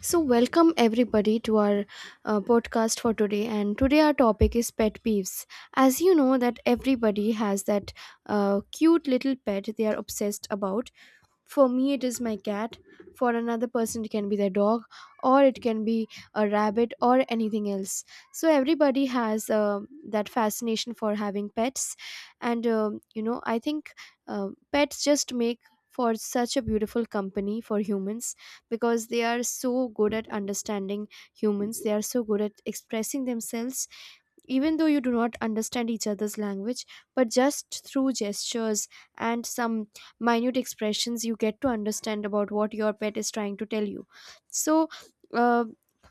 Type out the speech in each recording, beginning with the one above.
So, welcome everybody to our podcast for today. And today, our topic is pet peeves. As you know, that everybody has that cute little pet they are obsessed about. For me, it is my cat. For another person, it can be their dog, or it can be a rabbit, or anything else. So everybody has that fascination for having pets, and I think pets just make for such a beautiful company for humans because they are so good at understanding humans. They are so good at expressing themselves, even though you do not understand each other's language, but just through gestures and some minute expressions you get to understand about what your pet is trying to tell you. so uh,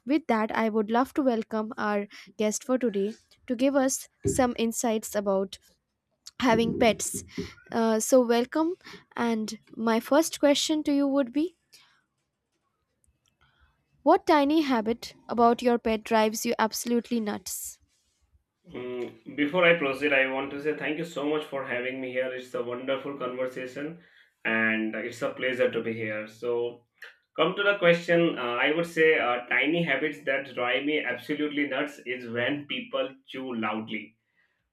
with that, I would love to welcome our guest for today to give us some insights about having pets. So welcome, and my first question to you would be, what tiny habit about your pet drives you absolutely nuts? Before I proceed, I want to say thank you so much for having me here. It's a wonderful conversation and it's a pleasure to be here. So, come to the question, I would say tiny habits that drive me absolutely nuts is when people chew loudly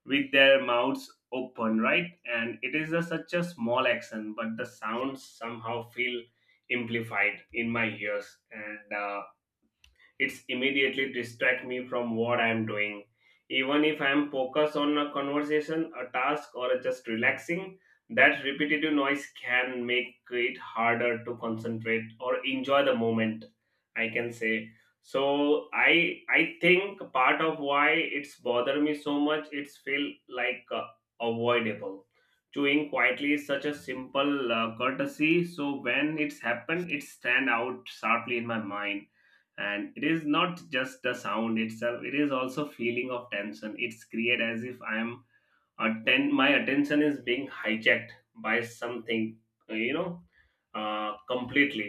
with their mouths open, right? And it is a, such a small action, but the sounds somehow feel amplified in my ears. And It's immediately distract me from what I'm doing. Even if I'm focused on a conversation, a task, or just relaxing, that repetitive noise can make it harder to concentrate or enjoy the moment. I can say so. I think part of why it's bother me so much. It's feel like avoidable chewing quietly is such a simple courtesy, so when it's happened it stand out sharply in my mind, and it is not just the sound itself, it is also feeling of tension it's create, as if I am my attention is being hijacked by something, uh, you know completely.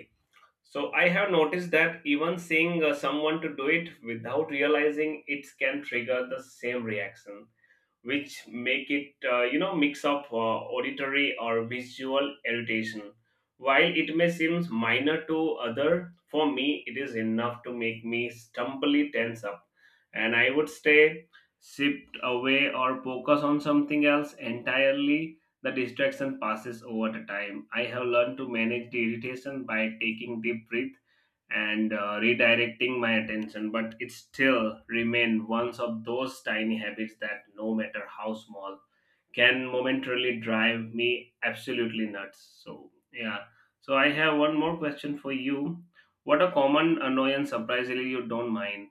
So I have noticed that even seeing someone to do it without realizing it can trigger the same reaction, which make it mix of auditory or visual irritation. While it may seem minor to other, for me it is enough to make me stumbly tense up, and I would stay shift away or focus on something else entirely. The distraction passes over the time. I have learned to manage the irritation by taking deep breath and redirecting my attention, but it still remain one of those tiny habits that no matter how small can momentarily drive me absolutely nuts. So yeah, so I have one more question for you. What a common annoyance surprisingly you don't mind?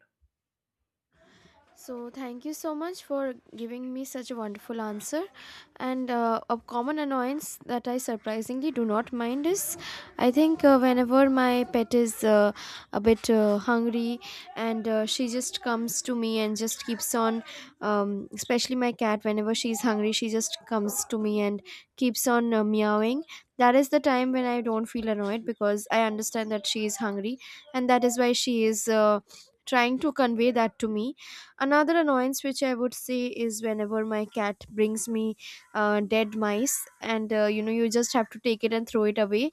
So, thank you so much for giving me such a wonderful answer. And a common annoyance that I surprisingly do not mind is, I think whenever my pet is a bit hungry and she just comes to me and just keeps on, especially my cat, whenever she's hungry, she just comes to me and keeps on meowing. That is the time when I don't feel annoyed because I understand that she is hungry, and that is why she is trying to convey that to me. Another annoyance which I would say is whenever my cat brings me dead mice, and, you know, you just have to take it and throw it away.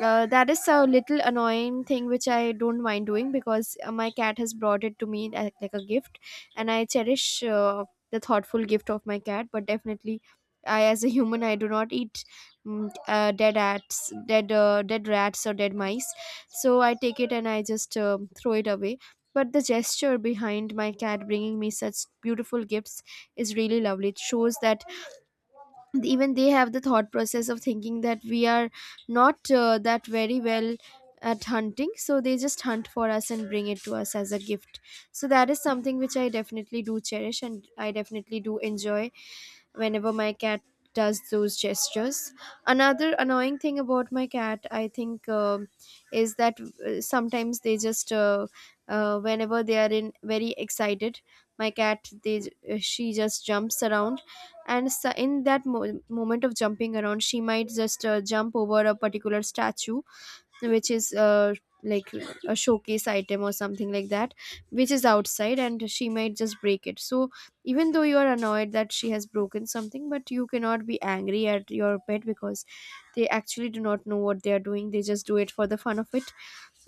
That is a little annoying thing which I don't mind doing, because my cat has brought it to me as, like, a gift, and I cherish the thoughtful gift of my cat. But definitely, I, as a human, I do not eat dead rats or dead mice. So I take it and I just throw it away. But the gesture behind my cat bringing me such beautiful gifts is really lovely. It shows that even they have the thought process of thinking that we are not that very well at hunting, so they just hunt for us and bring it to us as a gift. So that is something which I definitely do cherish and I definitely do enjoy whenever my cat does those gestures. Another annoying thing about my cat, I think, is that sometimes they just whenever they are in very excited, my cat, she just jumps around, and so in that moment of jumping around she might just jump over a particular statue which is, like a showcase item or something like that, which is outside, and she might just break it. So even though you are annoyed that she has broken something, but you cannot be angry at your pet because they actually do not know what they are doing. They just do it for the fun of it.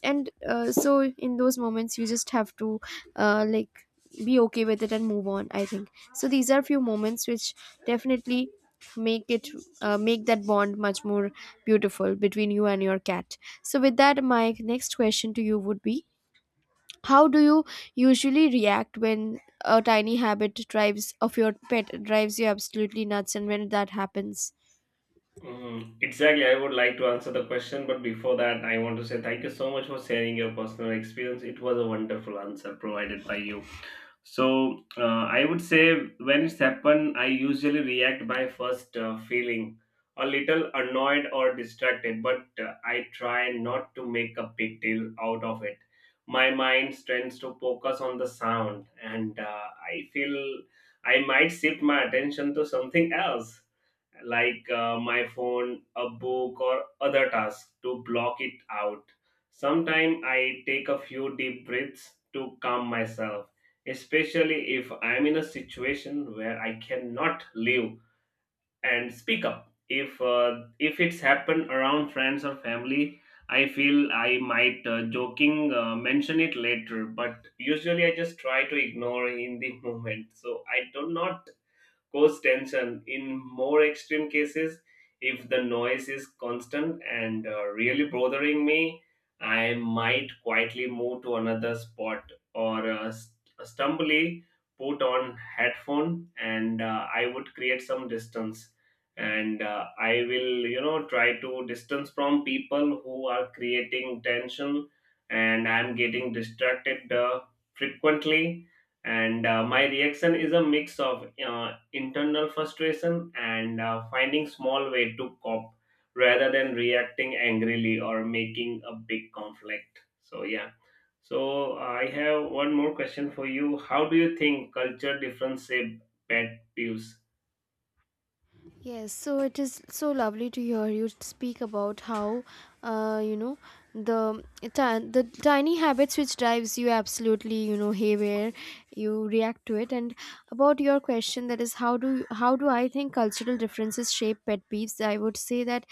And so in those moments you just have to, uh, like be okay with it and move on, I think. So these are few moments which definitely make it, make that bond much more beautiful between you and your cat. So with that, my next question to you would be, how do you usually react when a tiny habit drives of your pet drives you absolutely nuts, and when that happens? Exactly. I would like to answer the question, but before that, I want to say thank you so much for sharing your personal experience. It was a wonderful answer provided by you. So I would say when it's happened, I usually react by first feeling a little annoyed or distracted, but I try not to make a big deal out of it. My mind tends to focus on the sound, and I feel I might shift my attention to something else, like my phone, a book, or other tasks to block it out. Sometimes I take a few deep breaths to calm myself, especially if I'm in a situation where I cannot live and speak up. If it's happened around friends or family, I feel I might joking mention it later, but usually I just try to ignore in the moment. So I do not cause tension. In more extreme cases, if the noise is constant and really bothering me, I might quietly move to another spot or stumbly put on headphone and I would create some distance and I will, you know, try to distance from people who are creating tension and I'm getting distracted frequently, and my reaction is a mix of internal frustration and finding small way to cope rather than reacting angrily or making a big conflict. So yeah, so I have one more question for you. How do you think culture difference shape pet peeves? Yes, so it is so lovely to hear you speak about how, uh, you know, the tiny habits which drives you absolutely, you know, haywire. You react to it. And about your question, that is, how do I think cultural differences shape pet peeves? I would say that,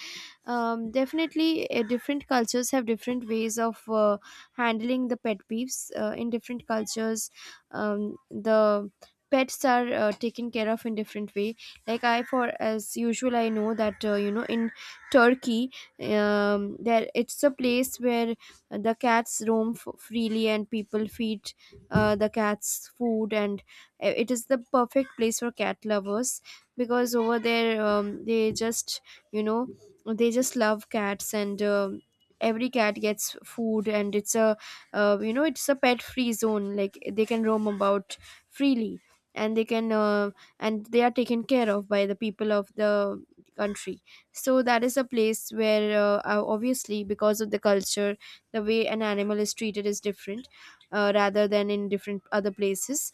definitely, different cultures have different ways of handling the pet peeves. In different cultures, the pets are taken care of in different way. Like, I, for as usual, I know that, you know, in Turkey, there, it's a place where the cats roam freely and people feed the cats food, and it is the perfect place for cat lovers because over there, they just, you know, they just love cats, and every cat gets food, and it's a, you know, it's a pet free zone, like they can roam about freely, and they can, and they are taken care of by the people of the country. So that is a place where, obviously because of the culture, the way an animal is treated is different rather than in different other places.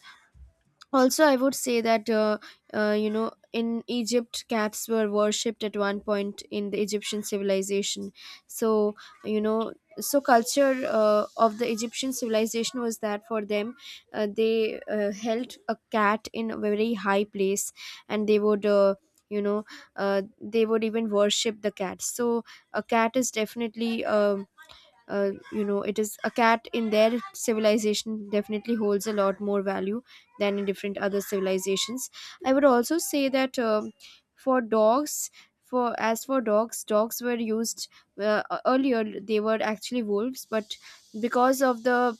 Also, I would say that, you know, in Egypt cats were worshipped at one point in the Egyptian civilization. So, you know, so culture of the Egyptian civilization was that for them, they held a cat in a very high place, and they would, you know they would even worship the cat. So a cat is definitely a, it is a cat in their civilization definitely holds a lot more value than in different other civilizations. I would also say that, for dogs, for as for dogs dogs were used, earlier they were actually wolves, but because of the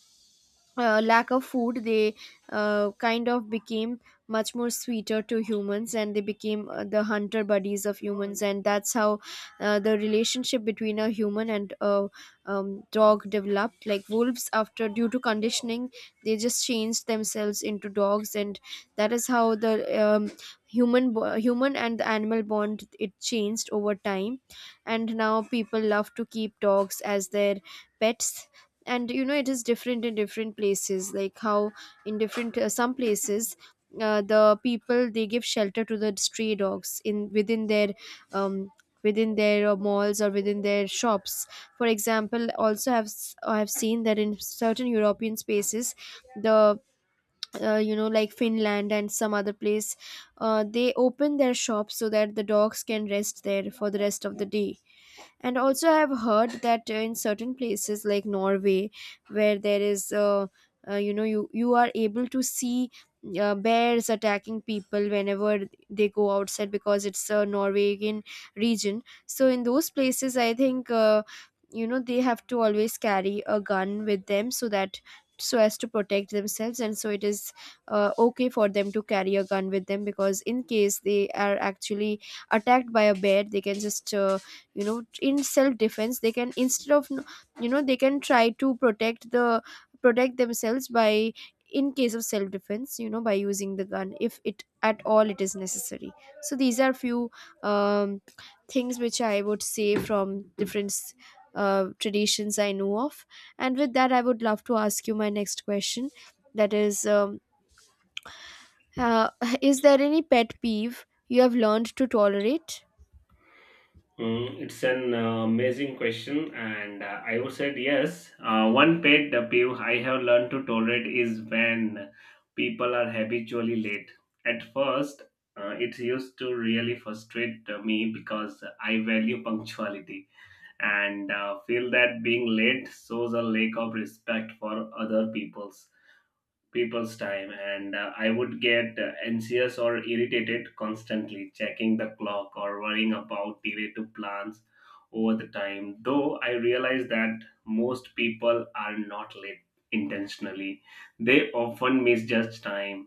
lack of food they kind of became much more sweeter to humans, and they became the hunter buddies of humans, and that's how the relationship between a human and a, dog developed. Like, wolves, after due to conditioning, they just changed themselves into dogs, and that is how the, um, human and the animal bond, it changed over time, and now people love to keep dogs as their pets. And, you know, it is different in different places, like how in different some places, the people, they give shelter to the stray dogs in, within their, um, within their malls or within their shops, for example. Also I have seen that in certain European spaces, the, you know, like Finland and some other place, they open their shops so that the dogs can rest there for the rest of the day. And also, I've heard that, in certain places like Norway, where there is, you are able to see bears attacking people whenever they go outside, because it's a Norwegian region. So in those places, I think, you know, they have to always carry a gun with them, so that, so as to protect themselves. And so it is okay for them to carry a gun with them, because in case they are actually attacked by a bear, they can just, in self defense they can, instead of, you know, they can try to protect themselves by, in case of self defense, you know, by using the gun, if it at all it is necessary. So these are few, um, things which I would say from different traditions I know of. And with that, I would love to ask you my next question, that is, uh, is there any pet peeve you have learned to tolerate? It's an amazing question, and I would say yes. One pet peeve I have learned to tolerate is when people are habitually late. At first, it used to really frustrate me because I value punctuality and feel that being late shows a lack of respect for other people's time, and I would get anxious or irritated, constantly checking the clock or worrying about delay to plans. Over the time though, I realize that most people are not late intentionally. They often misjudge time,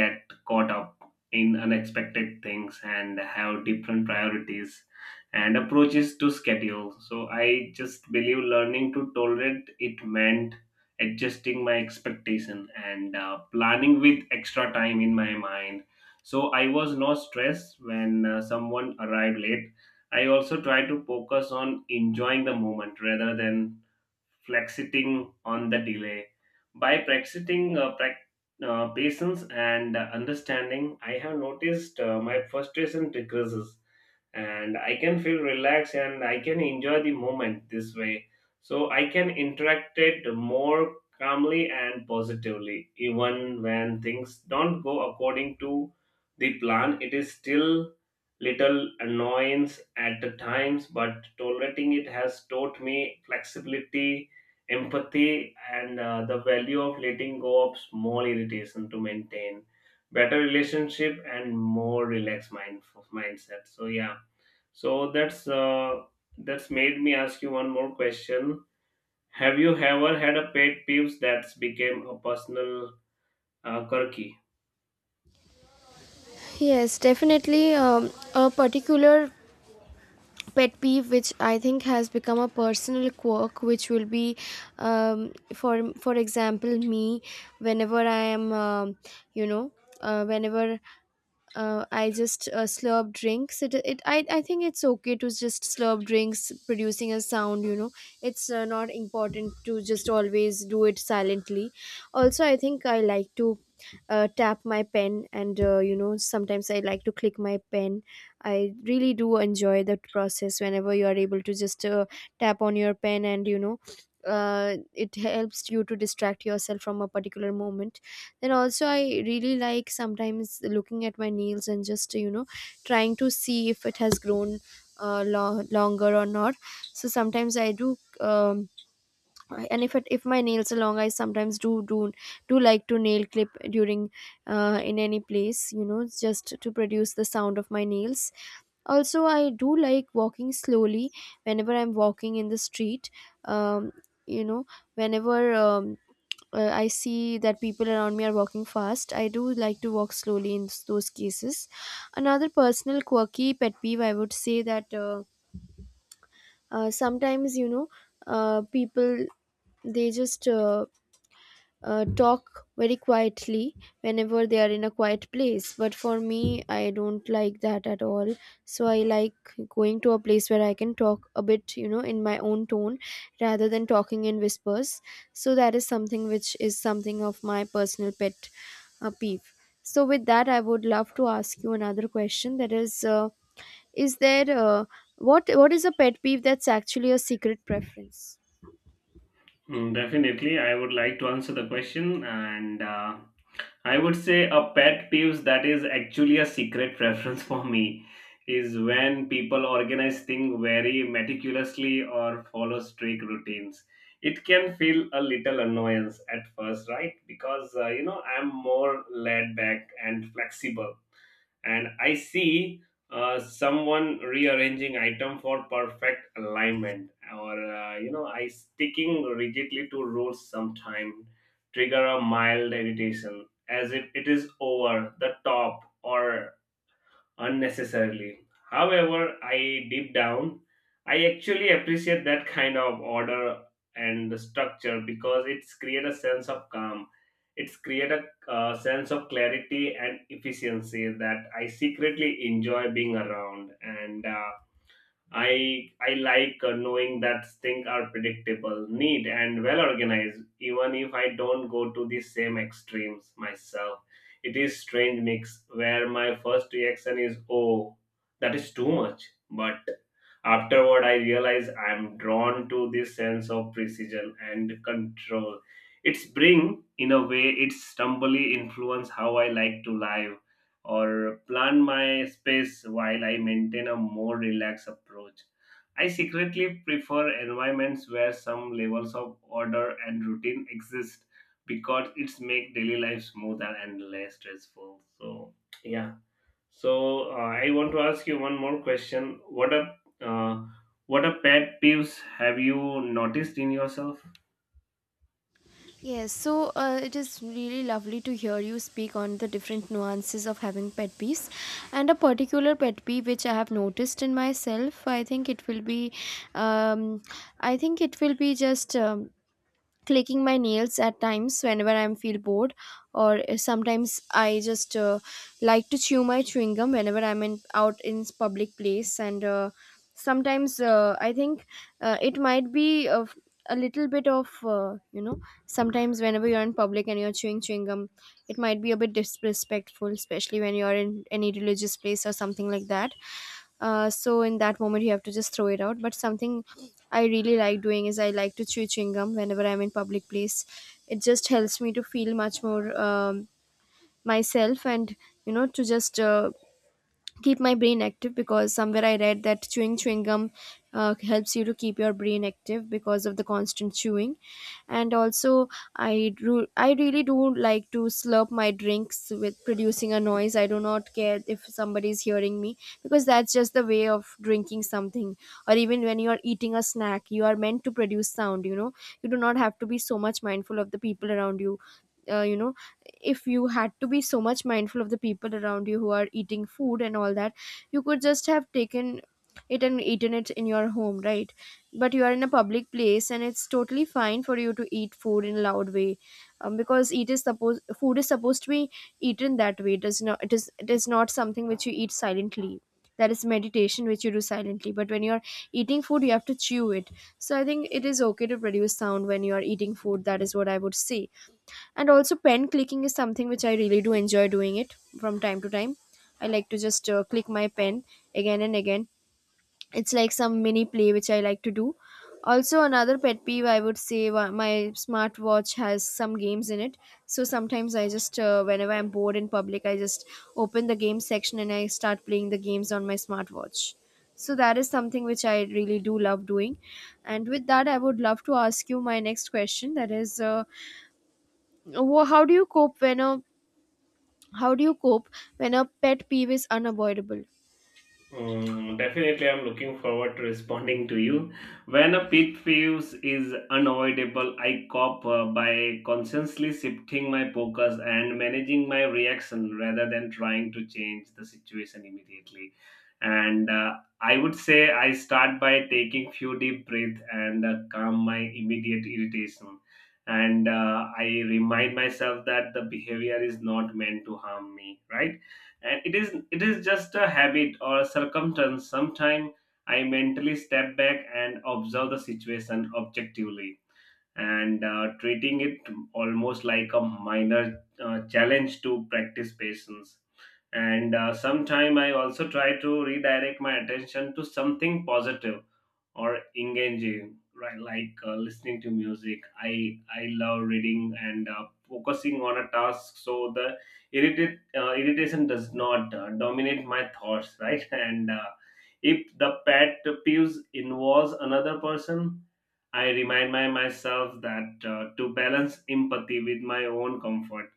get caught up in unexpected things, and have different priorities and approaches to schedule. So I just believe learning to tolerate it meant adjusting my expectation and planning with extra time in my mind, so I was not stressed when someone arrived late. I also try to focus on enjoying the moment rather than flexing on the delay. By practicing prac patience and understanding, I have noticed my frustration decreases and I can feel relaxed and I can enjoy the moment this way. So I can interact it more calmly and positively even when things don't go according to the plan. It is still little annoyance at the times, but tolerating it has taught me flexibility, empathy, and the value of letting go of small irritation to maintain better relationship and more relaxed mindset. So yeah, so that's made me ask you one more question. Have you ever had a pet peeve that's became a personal quirky? Yes, definitely. A particular pet peeve which I think has become a personal quirk, which will be, um, for for example, me, whenever I am, you know whenever I just slurp drinks. I think it's okay to just slurp drinks producing a sound, you know. It's not important to just always do it silently. Also, I think I like to tap my pen, and, you know, sometimes I like to click my pen. I really do enjoy that process whenever you are able to just tap on your pen, and, you know, it helps you to distract yourself from a particular moment. And also, I really like sometimes looking at my nails and just, you know, trying to see if it has grown longer or not. So sometimes I do, and if it, if my nails are long, I sometimes do like to nail clip during, in any place, you know, just to produce the sound of my nails. Also, I do like walking slowly whenever I'm walking in the street. Um, you know, whenever. I see that people around me are walking fast, I do like to walk slowly in those cases. Another personal quirky pet peeve, I would say that sometimes, people they just talk very quietly whenever they are in a quiet place, but for me, I don't like that at all. So I like going to a place where I can talk a bit, you know, in my own tone, rather than talking in whispers. So that is something which is something of my personal pet peeve. So with that, I would love to ask you another question, that is there what is a pet peeve that's actually a secret preference? Definitely, I would like to answer the question, and I would say a pet peeve that is actually a secret preference for me is when people organize things very meticulously or follow strict routines. It can feel a little annoyance at first, right? Because you know, I'm more laid back and flexible, and I see someone rearranging item for perfect alignment, or you know, I sticking rigidly to rules sometime trigger a mild irritation as if it is over the top or unnecessarily. However, I deep down, I actually appreciate that kind of order and structure because it's create a sense of calm. It's create a sense of clarity and efficiency that I secretly enjoy being around. And I like knowing that things are predictable, neat, and well organized, even if I don't go to the same extremes myself. It is strange mix where my first reaction is, oh, that is too much, but afterward I realize I'm drawn to this sense of precision and control. It's bring, in a way, it's stumbly influence how I like to live or plan my space while I maintain a more relaxed approach. I secretly prefer environments where some levels of order and routine exist because it's make daily life smoother and less stressful. So yeah. So I want to ask you one more question. Uh, what a pet peeves have you noticed in yourself? Yes, so it is really lovely to hear you speak on the different nuances of having pet peeves. And a particular pet peeve which I have noticed in myself, I think it will be, um, I think it will be just. Clicking my nails at times whenever I feel bored, or sometimes I just like to chew my chewing gum whenever I'm in, out in public place. And sometimes I think it might be of a little bit of you know, sometimes whenever you're in public and you're chewing chewing gum, it might be a bit disrespectful, especially when you're in any religious place or something like that. So in that moment you have to just throw it out, but something I really like doing is I like to chew chewing gum whenever I'm in public place. It just helps me to feel much more, myself, and you know, to just keep my brain active, because somewhere I read that chewing chewing gum helps you to keep your brain active because of the constant chewing. And also, I really do like to slurp my drinks with producing a noise. I do not care if somebody is hearing me, because that's just the way of drinking something. Or even when you are eating a snack, you are meant to produce sound. You know, you do not have to be so much mindful of the people around you. You know, if you had to be so much mindful of the people around you who are eating food and all that, you could just have taken it and eaten it in your home, right? But you are in a public place, and it's totally fine for you to eat food in a loud way. Because it is supposed, food is supposed to be eaten that way. It is not, it is not something which you eat silently. That is meditation, which you do silently. But when you are eating food, you have to chew it. So I think it is okay to produce sound when you are eating food. That is what I would say. And also, pen clicking is something which I really do enjoy doing it from time to time. I like to just click my pen again and again. It's like some mini play which I like to do. Also, another pet peeve I would say, my smartwatch has some games in it. So sometimes I just whenever I'm bored in public, I just open the game section and I start playing the games on my smartwatch. So that is something which I really do love doing. And with that, I would love to ask you my next question, that is how do you cope when a how do you cope when a pet peeve is unavoidable? Hmm, definitely, I'm looking forward to responding to you. When a pit peeve is unavoidable, I cope by consciously shifting my focus and managing my reaction rather than trying to change the situation immediately. And I would say I start by taking few deep breath and calm my immediate irritation. And I remind myself that the behavior is not meant to harm me, right? And it is, it is just a habit or a circumstance. Sometimes I mentally step back and observe the situation objectively, and treating it almost like a minor challenge to practice patience, and sometime I also try to redirect my attention to something positive or engaging, right? Like listening to music. I love reading and focusing on a task, so the irritated irritation does not dominate my thoughts, right? And if the pet peeves involves another person, I remind myself that to balance empathy with my own comfort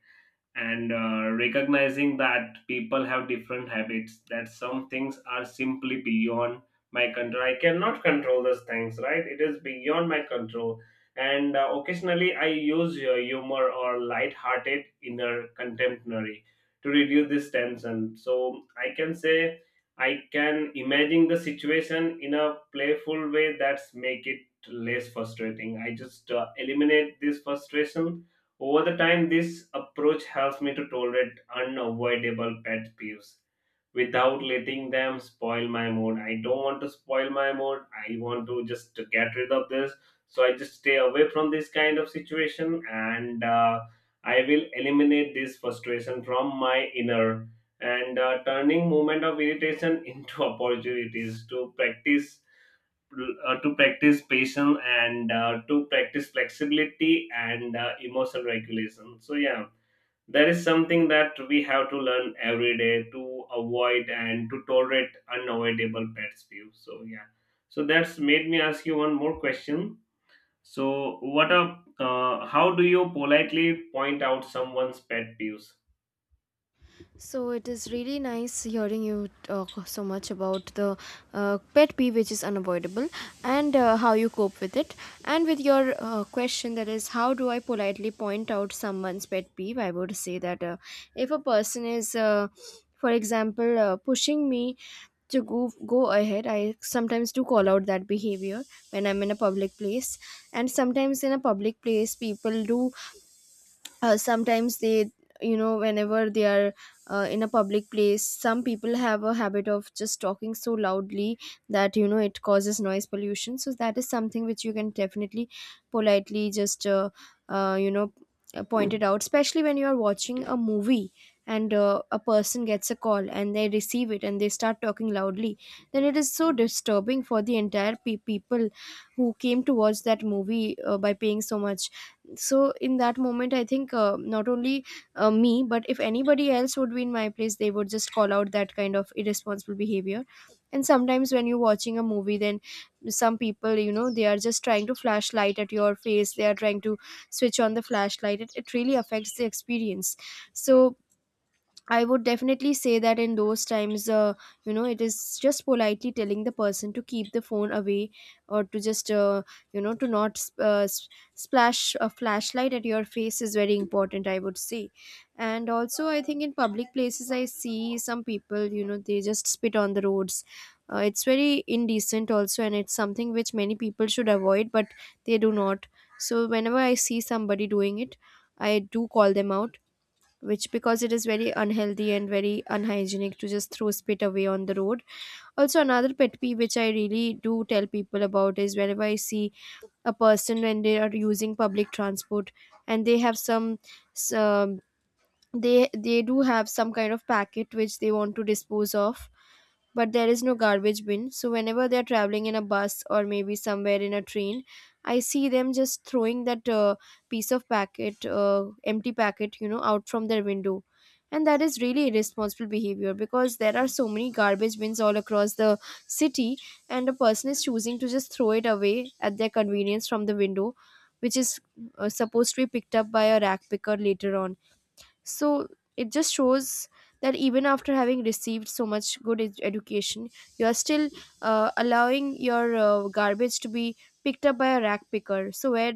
and recognizing that people have different habits, that some things are simply beyond my control. I cannot control those things, right? It is beyond my control. And occasionally I use humor or light-hearted inner contemporary to reduce this tension, so I can say I can imagine the situation in a playful way that's make it less frustrating. I just eliminate this frustration over the time. This approach helps me to tolerate unavoidable pet peeves without letting them spoil my mood. I don't want to spoil my mood. I want to just to get rid of this. So I just stay away from this kind of situation, and I will eliminate this frustration from my inner, and turning moment of irritation into opportunities to practice patience and to practice flexibility and emotional regulation. So yeah, there is something that we have to learn every day to avoid and to tolerate unavoidable pet peeves. So yeah, so that's made me ask you one more question. So what a uh, how do you politely point out someone's pet peeves? So it is really nice hearing you talk so much about the pet peeve which is unavoidable, and how you cope with it. And with your question, that is, how do I politely point out someone's pet peeve? I would say that if a person is for example, pushing me to go ahead, I sometimes do call out that behavior when I'm in a public place. And sometimes in a public place, people do sometimes they, you know, whenever they are in a public place, some people have a habit of just talking so loudly that, you know, it causes noise pollution. So that is something which you can definitely politely just you know, point it out, especially when you are watching a movie, and a person gets a call and they receive it and they start talking loudly. Then it is so disturbing for the entire people who came to watch that movie by paying so much. So in that moment, I think not only me, but if anybody else would be in my place, they would just call out that kind of irresponsible behavior. And sometimes when you're watching a movie, then some people, you know, they are just trying to flash light at your face, they are trying to switch on the flashlight. It really affects the experience. So I would definitely say that in those times, you know, it is just politely telling the person to keep the phone away, or to just, you know, to not splash a flashlight at your face is very important, I would say. And also, I think in public places, I see some people, you know, they just spit on the roads. It's very indecent also, and it's something which many people should avoid, but they do not. So, whenever I see somebody doing it, I do call them out, which because it is very unhealthy and very unhygienic to just throw spit away on the road. Also, another pet peeve which I really do tell people about is whenever I see a person when they are using public transport, and they have some, they do have some kind of packet which they want to dispose of, but there is no garbage bin. So whenever they are traveling in a bus or maybe somewhere in a train, I see them just throwing that piece of packet, empty packet, you know, out from their window. And that is really irresponsible behavior, because there are so many garbage bins all across the city, and a person is choosing to just throw it away at their convenience from the window, which is supposed to be picked up by a rack picker later on. So it just shows that even after having received so much good education, you are still allowing your garbage to be picked up by a rag picker. So where,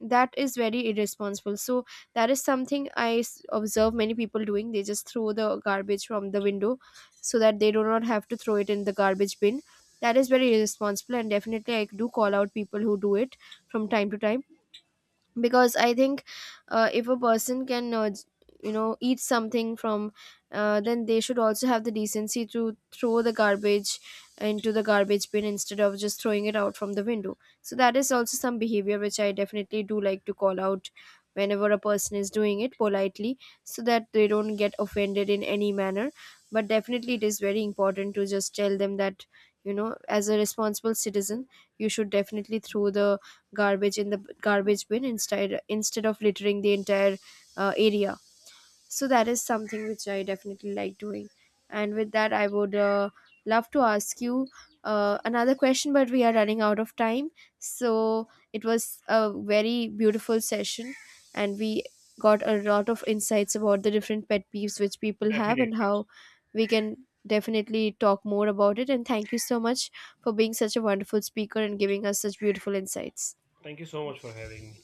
that is very irresponsible. So that is something I observe many people doing, they just throw the garbage from the window so that they do not have to throw it in the garbage bin. That is very irresponsible, and definitely I do call out people who do it from time to time, because I think if a person can you know, eat something from then they should also have the decency to throw the garbage into the garbage bin instead of just throwing it out from the window. So that is also some behavior which I definitely do like to call out whenever a person is doing it, politely, so that they don't get offended in any manner. But definitely it is very important to just tell them that, you know, as a responsible citizen, you should definitely throw the garbage in the garbage bin instead of littering the entire area. So that is something which I definitely like doing. And with that, I would love to ask you another question, but we are running out of time. So it was a very beautiful session, and we got a lot of insights about the different pet peeves which people have, and Definitely. how we can definitely talk more about it. And thank you so much for being such a wonderful speaker and giving us such beautiful insights. Thank you so much for having me.